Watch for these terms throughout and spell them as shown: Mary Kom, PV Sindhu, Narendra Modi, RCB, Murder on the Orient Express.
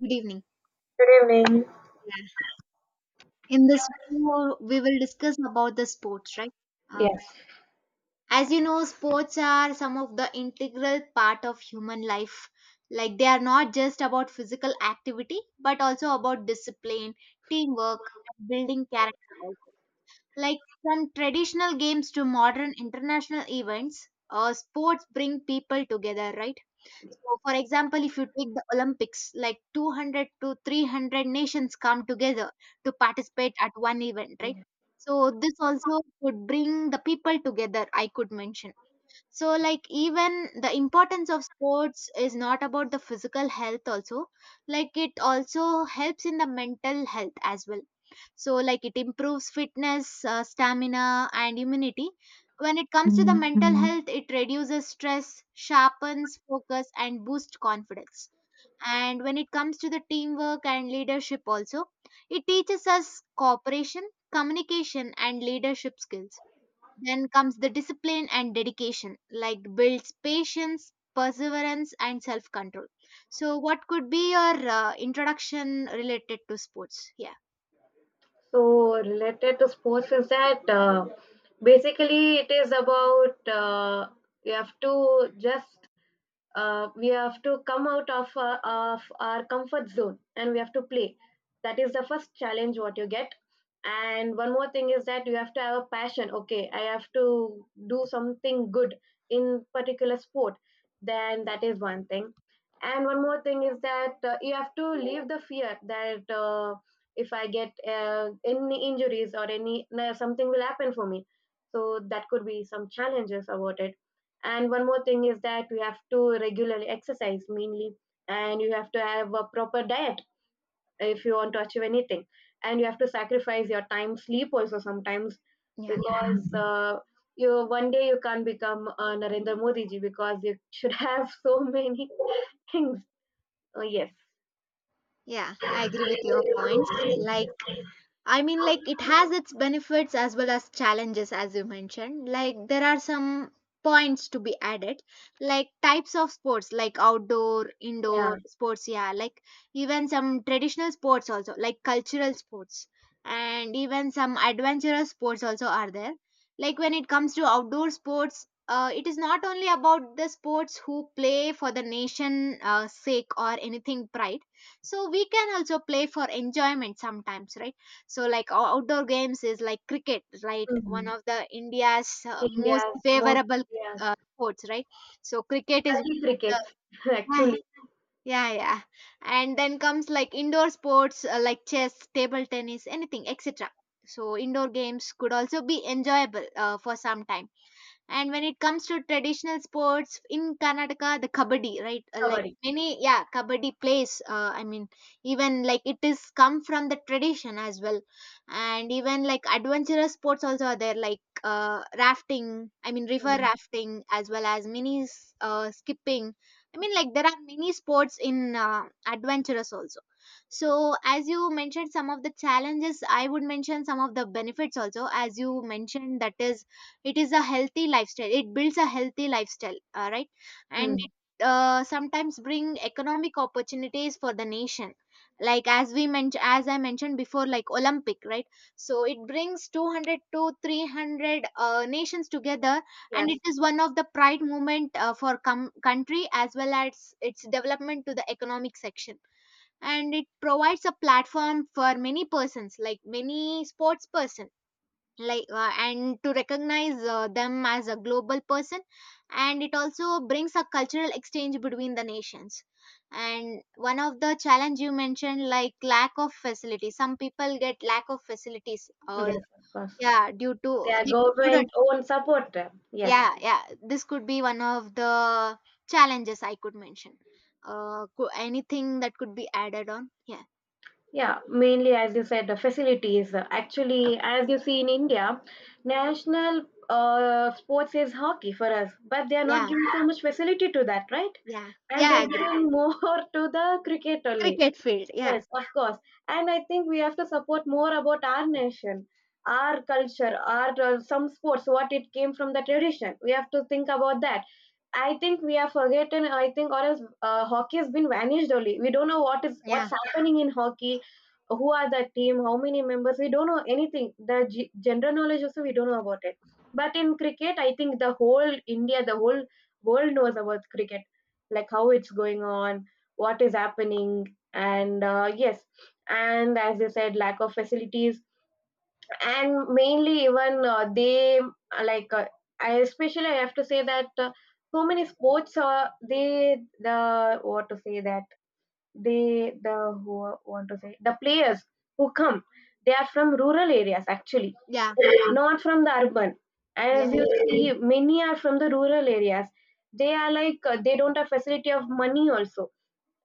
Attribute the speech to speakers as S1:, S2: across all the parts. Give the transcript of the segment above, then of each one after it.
S1: Good evening.
S2: Good evening.
S1: Yeah. In this video, we will discuss about the sports, right? Uh,
S2: Yes.
S1: as you know, sports are some of the integral part of human life. Like they are not just about physical activity, but also about discipline, teamwork, and building character also. Like from traditional games to modern international events, sports bring people together, right? So, for example, if you take the Olympics, like 200 to 300 nations come together to participate at one event, right? So, this also could bring the people together, I could mention. So, like, even the importance of sports is not about the physical health, also, like, it also helps in the mental health as well. So like it improves fitness, stamina and immunity. When it comes to the mental, mm-hmm, health, it reduces stress, sharpens focus and boosts confidence. And when it comes to the teamwork and leadership also, it teaches us cooperation, communication and leadership skills. Then comes the discipline and dedication, like builds patience, perseverance and self control. So what could be your introduction related to sports, yeah?
S2: So related to sports is that basically it is about you have to just we have to come out of our comfort zone and we have to play. That is the first challenge what you get. And one more thing is that you have to have a passion. Okay, I have to do something good in particular sport, then that is one thing. And one more thing is that you have to leave the fear that if I get any injuries or any no, something will happen for me. So that could be some challenges about it. And one more thing is that you have to regularly exercise mainly, and you have to have a proper diet if you want to achieve anything. And you have to sacrifice your time, sleep also sometimes,
S1: Yeah.
S2: because you one day you can't become a Narendra Modi ji, because you should have so many things. Oh yes.
S1: Yeah, I agree with your points. Like I mean, like, it has its benefits as well as challenges, as you mentioned. Like, there are some points to be added, like types of sports, like outdoor,
S2: Yeah.
S1: indoor sports, yeah, like even some traditional sports also, like cultural sports, and even some adventurous sports also are there. Like, when it comes to outdoor sports, it is not only about the sports who play for the nation sake or anything pride, so we can also play for enjoyment sometimes, right? So, like, outdoor games is like cricket, right? One
S2: Mhm.
S1: of the India's most
S2: India's most.
S1: favorable
S2: Yes.
S1: sports, right? So, cricket is
S2: Gully cricket,
S1: one of the,
S2: actually.
S1: yeah, yeah, yeah. And then comes like indoor sports, like chess, table tennis, anything, etc. So, indoor games could also be enjoyable for some time. And when it comes to traditional sports in Karnataka, the kabaddi, right? Like
S2: Kabaddi.
S1: many, yeah, kabaddi plays. I mean, even like it is come from the tradition as well, and even like adventurous sports also are there, like rafting. I mean, river
S2: Mm.
S1: rafting as well as mini skipping. I mean, like there are many sports in adventurous also. So, as you mentioned some of the challenges, I would mention some of the benefits also. As you mentioned, that is, it is a healthy lifestyle, it builds a healthy lifestyle, right? And
S2: Mm.
S1: it sometimes bring economic opportunities for the nation, like as we mentioned, as I mentioned before, like Olympic, right? So it brings 200 to 300 nations together, and
S2: Yes.
S1: it is one of the pride movement for country as well as its development to the economic section. And it provides a platform for many persons, like many sports person, like and to recognize them as a global person. And it also brings a cultural exchange between the nations. And one of the challenge you mentioned, like lack of facilities, some people get lack of facilities, or
S2: Yes, of course.
S1: yeah, due to
S2: They are
S1: the student.
S2: government own support. Yes.
S1: Yeah, yeah, this could be one of the challenges I could mention. Anything that could be added on? Yeah.
S2: Yeah, mainly as you said, the facilities. Actually, as you see in India, national sports is hockey for us, but they are not
S1: Yeah,
S2: giving so much facility to that, right?
S1: yeah,
S2: And
S1: yeah, I
S2: they're
S1: agree.
S2: giving more to the cricket only.
S1: Cricket field, yeah.
S2: Yes, of course. And I think we have to support more about our nation, our culture, our some sports, what it came from the tradition. We have to think about that. I think we are forgotten. I think, or else hockey has been vanished only. We don't know what is what's
S1: Yeah,
S2: happening in hockey. Who are the team? How many members? We don't know anything. The general knowledge also we don't know about it. But in cricket, I think the whole India, the whole world knows about cricket, like how it's going on, what is happening, and yes. And as I said, lack of facilities, and mainly even they like I especially I have to say that so many sports, they the what to say, that they the who want to say, the players who come, they are from rural areas actually,
S1: yeah,
S2: not from the urban. As
S1: yeah,
S2: you see, many are from the rural areas. They are like, they don't have facility of money also,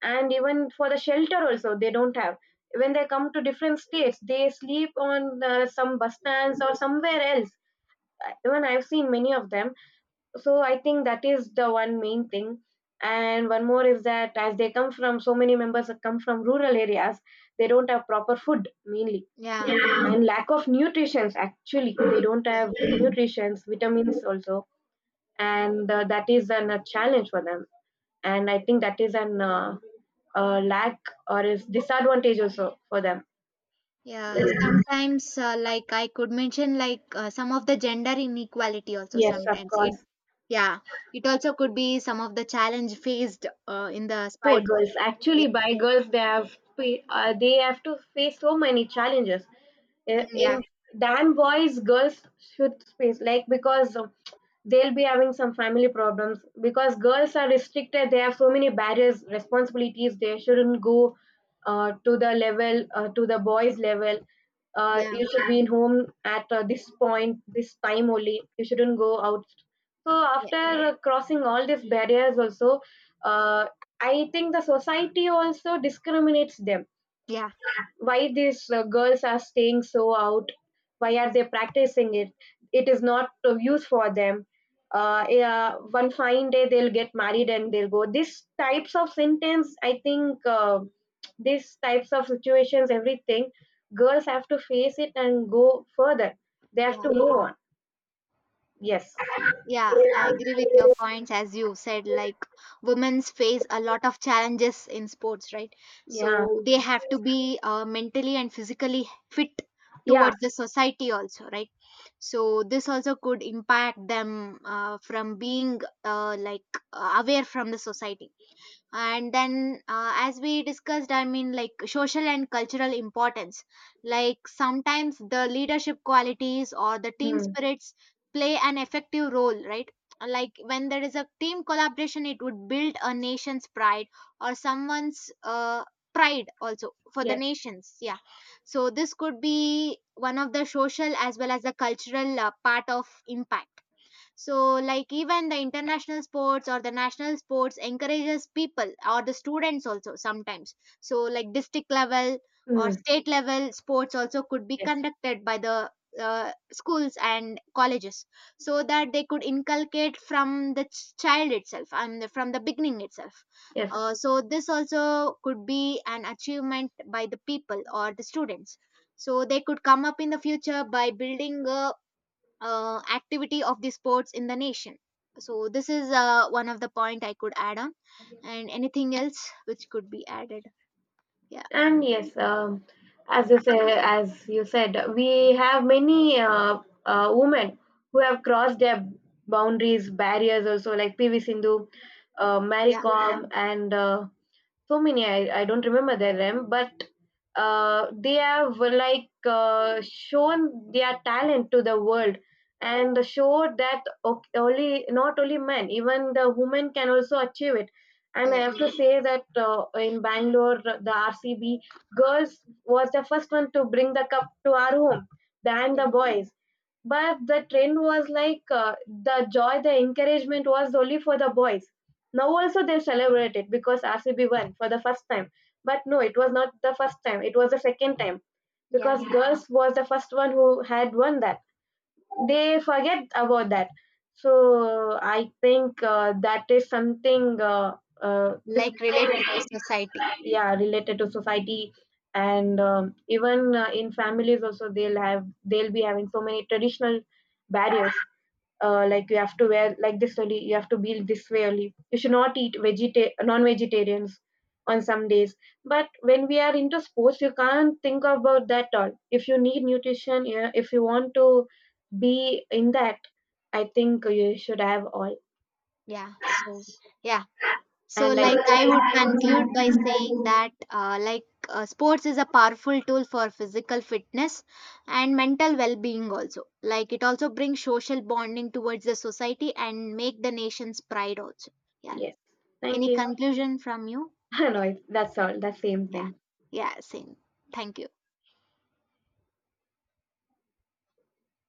S2: and even for the shelter also they don't have. When they come to different states, they sleep on some bus stands or somewhere else. Even I've seen many of them. So I think that is the one main thing. And one more is that as they come from, so many members come from rural areas, they don't have proper food mainly.
S1: yeah,
S2: Yeah. And lack of nutrients, actually they don't have nutrients, vitamins also, and that is an, a challenge for them. And I think that is an lack or is disadvantage also for them.
S1: yeah. sometimes, like I could mention like some of the gender inequality also,
S2: Yes, of
S1: sometimes it,
S2: course.
S1: yeah, it also could be some of the challenge faced in the
S2: By
S1: sports.
S2: girls, actually, by girls, they have they have to face so many challenges.
S1: Mm, yeah,
S2: In damn boys, girls should face like, because they'll be having some family problems. Because girls are restricted, they have so many barriers, responsibilities. They shouldn't go to the level to the boys level. Uh,
S1: yeah,
S2: you should be in home at this point, this time only. You shouldn't go out. So
S1: yeah,
S2: after crossing all these barriers also, uh, I think the society also discriminates them.
S1: yeah,
S2: Why these girls are staying so out, why are they practicing it, it is not of use for them. Uh, yeah, one fine day they'll get married and they'll go, these types of sentence I think, these types of situations, everything girls have to face it and go further. They have to
S1: yeah.
S2: go on. Yes.
S1: Yeah, I
S2: Yeah.
S1: agree with your points. As you said, like women face a lot of challenges in sports, right? So they have to be mentally and physically fit
S2: Yeah.
S1: towards the society also, right? So this also could impact them from being like aware from the society. And then as we discussed, I mean, like social and cultural importance, like sometimes the leadership qualities or the team
S2: Mm.
S1: spirits play an effective role, right? Like when there is a team collaboration, it would build a nation's pride or someone's pride also for the
S2: Yes.
S1: nations, yeah. So this could be one of the social as well as the cultural part of impact. So like even the international sports or the national sports encourages people or the students also sometimes. So like district level or
S2: Mm.
S1: state level sports also could be
S2: Yes.
S1: conducted by the schools and colleges, so that they could inculcate from the child itself and from the beginning itself.
S2: Yes.
S1: So this also could be an achievement by the people or the students, so they could come up in the future by building a activity of the sports in the nation. So this is one of the point I could add on. And anything else which could be added? Yeah,
S2: And yes, as you say, as you said, we have many women who have crossed their boundaries, barriers also, like PV Sindhu, Mary
S1: yeah,
S2: Kom, and so many. I don't remember their name, but they have shown their talent to the world, and showed that only not only men, even the women can also achieve it. And I
S1: yeah,
S2: have to say that, in Bangalore, the RCB girls was the first one to bring the cup to our home than
S1: yeah,
S2: the boys. But the trend was like, the joy, the encouragement was only for the boys. Now also they celebrated because RCB won for the first time. But no, it was not the first time. It was the second time,
S1: yeah.
S2: because girls was the first one who had won that. They forget about that. So I think that is something
S1: Like related to
S2: discriminated.
S1: society.
S2: Yeah, related to society. And even in families also, they'll have, they'll be having so many traditional barriers. Uh, like you have to wear like this only, you have to be this way only, you should not eat non-vegetarians on some days. But when we are into sports, you can't think about that all. If you need nutrition, yeah, if you want to be in that, I think you should have all.
S1: Yeah. So yeah, so
S2: And I
S1: like I would conclude by saying that, like sports is a powerful tool for physical fitness and mental well-being also. Like it also brings social bonding towards the society and make the nation's pride also, yeah.
S2: yes, thank
S1: Any
S2: you.
S1: conclusion from you?
S2: No, that's all, that's same
S1: Yeah.
S2: thing.
S1: Yeah, same. Thank you.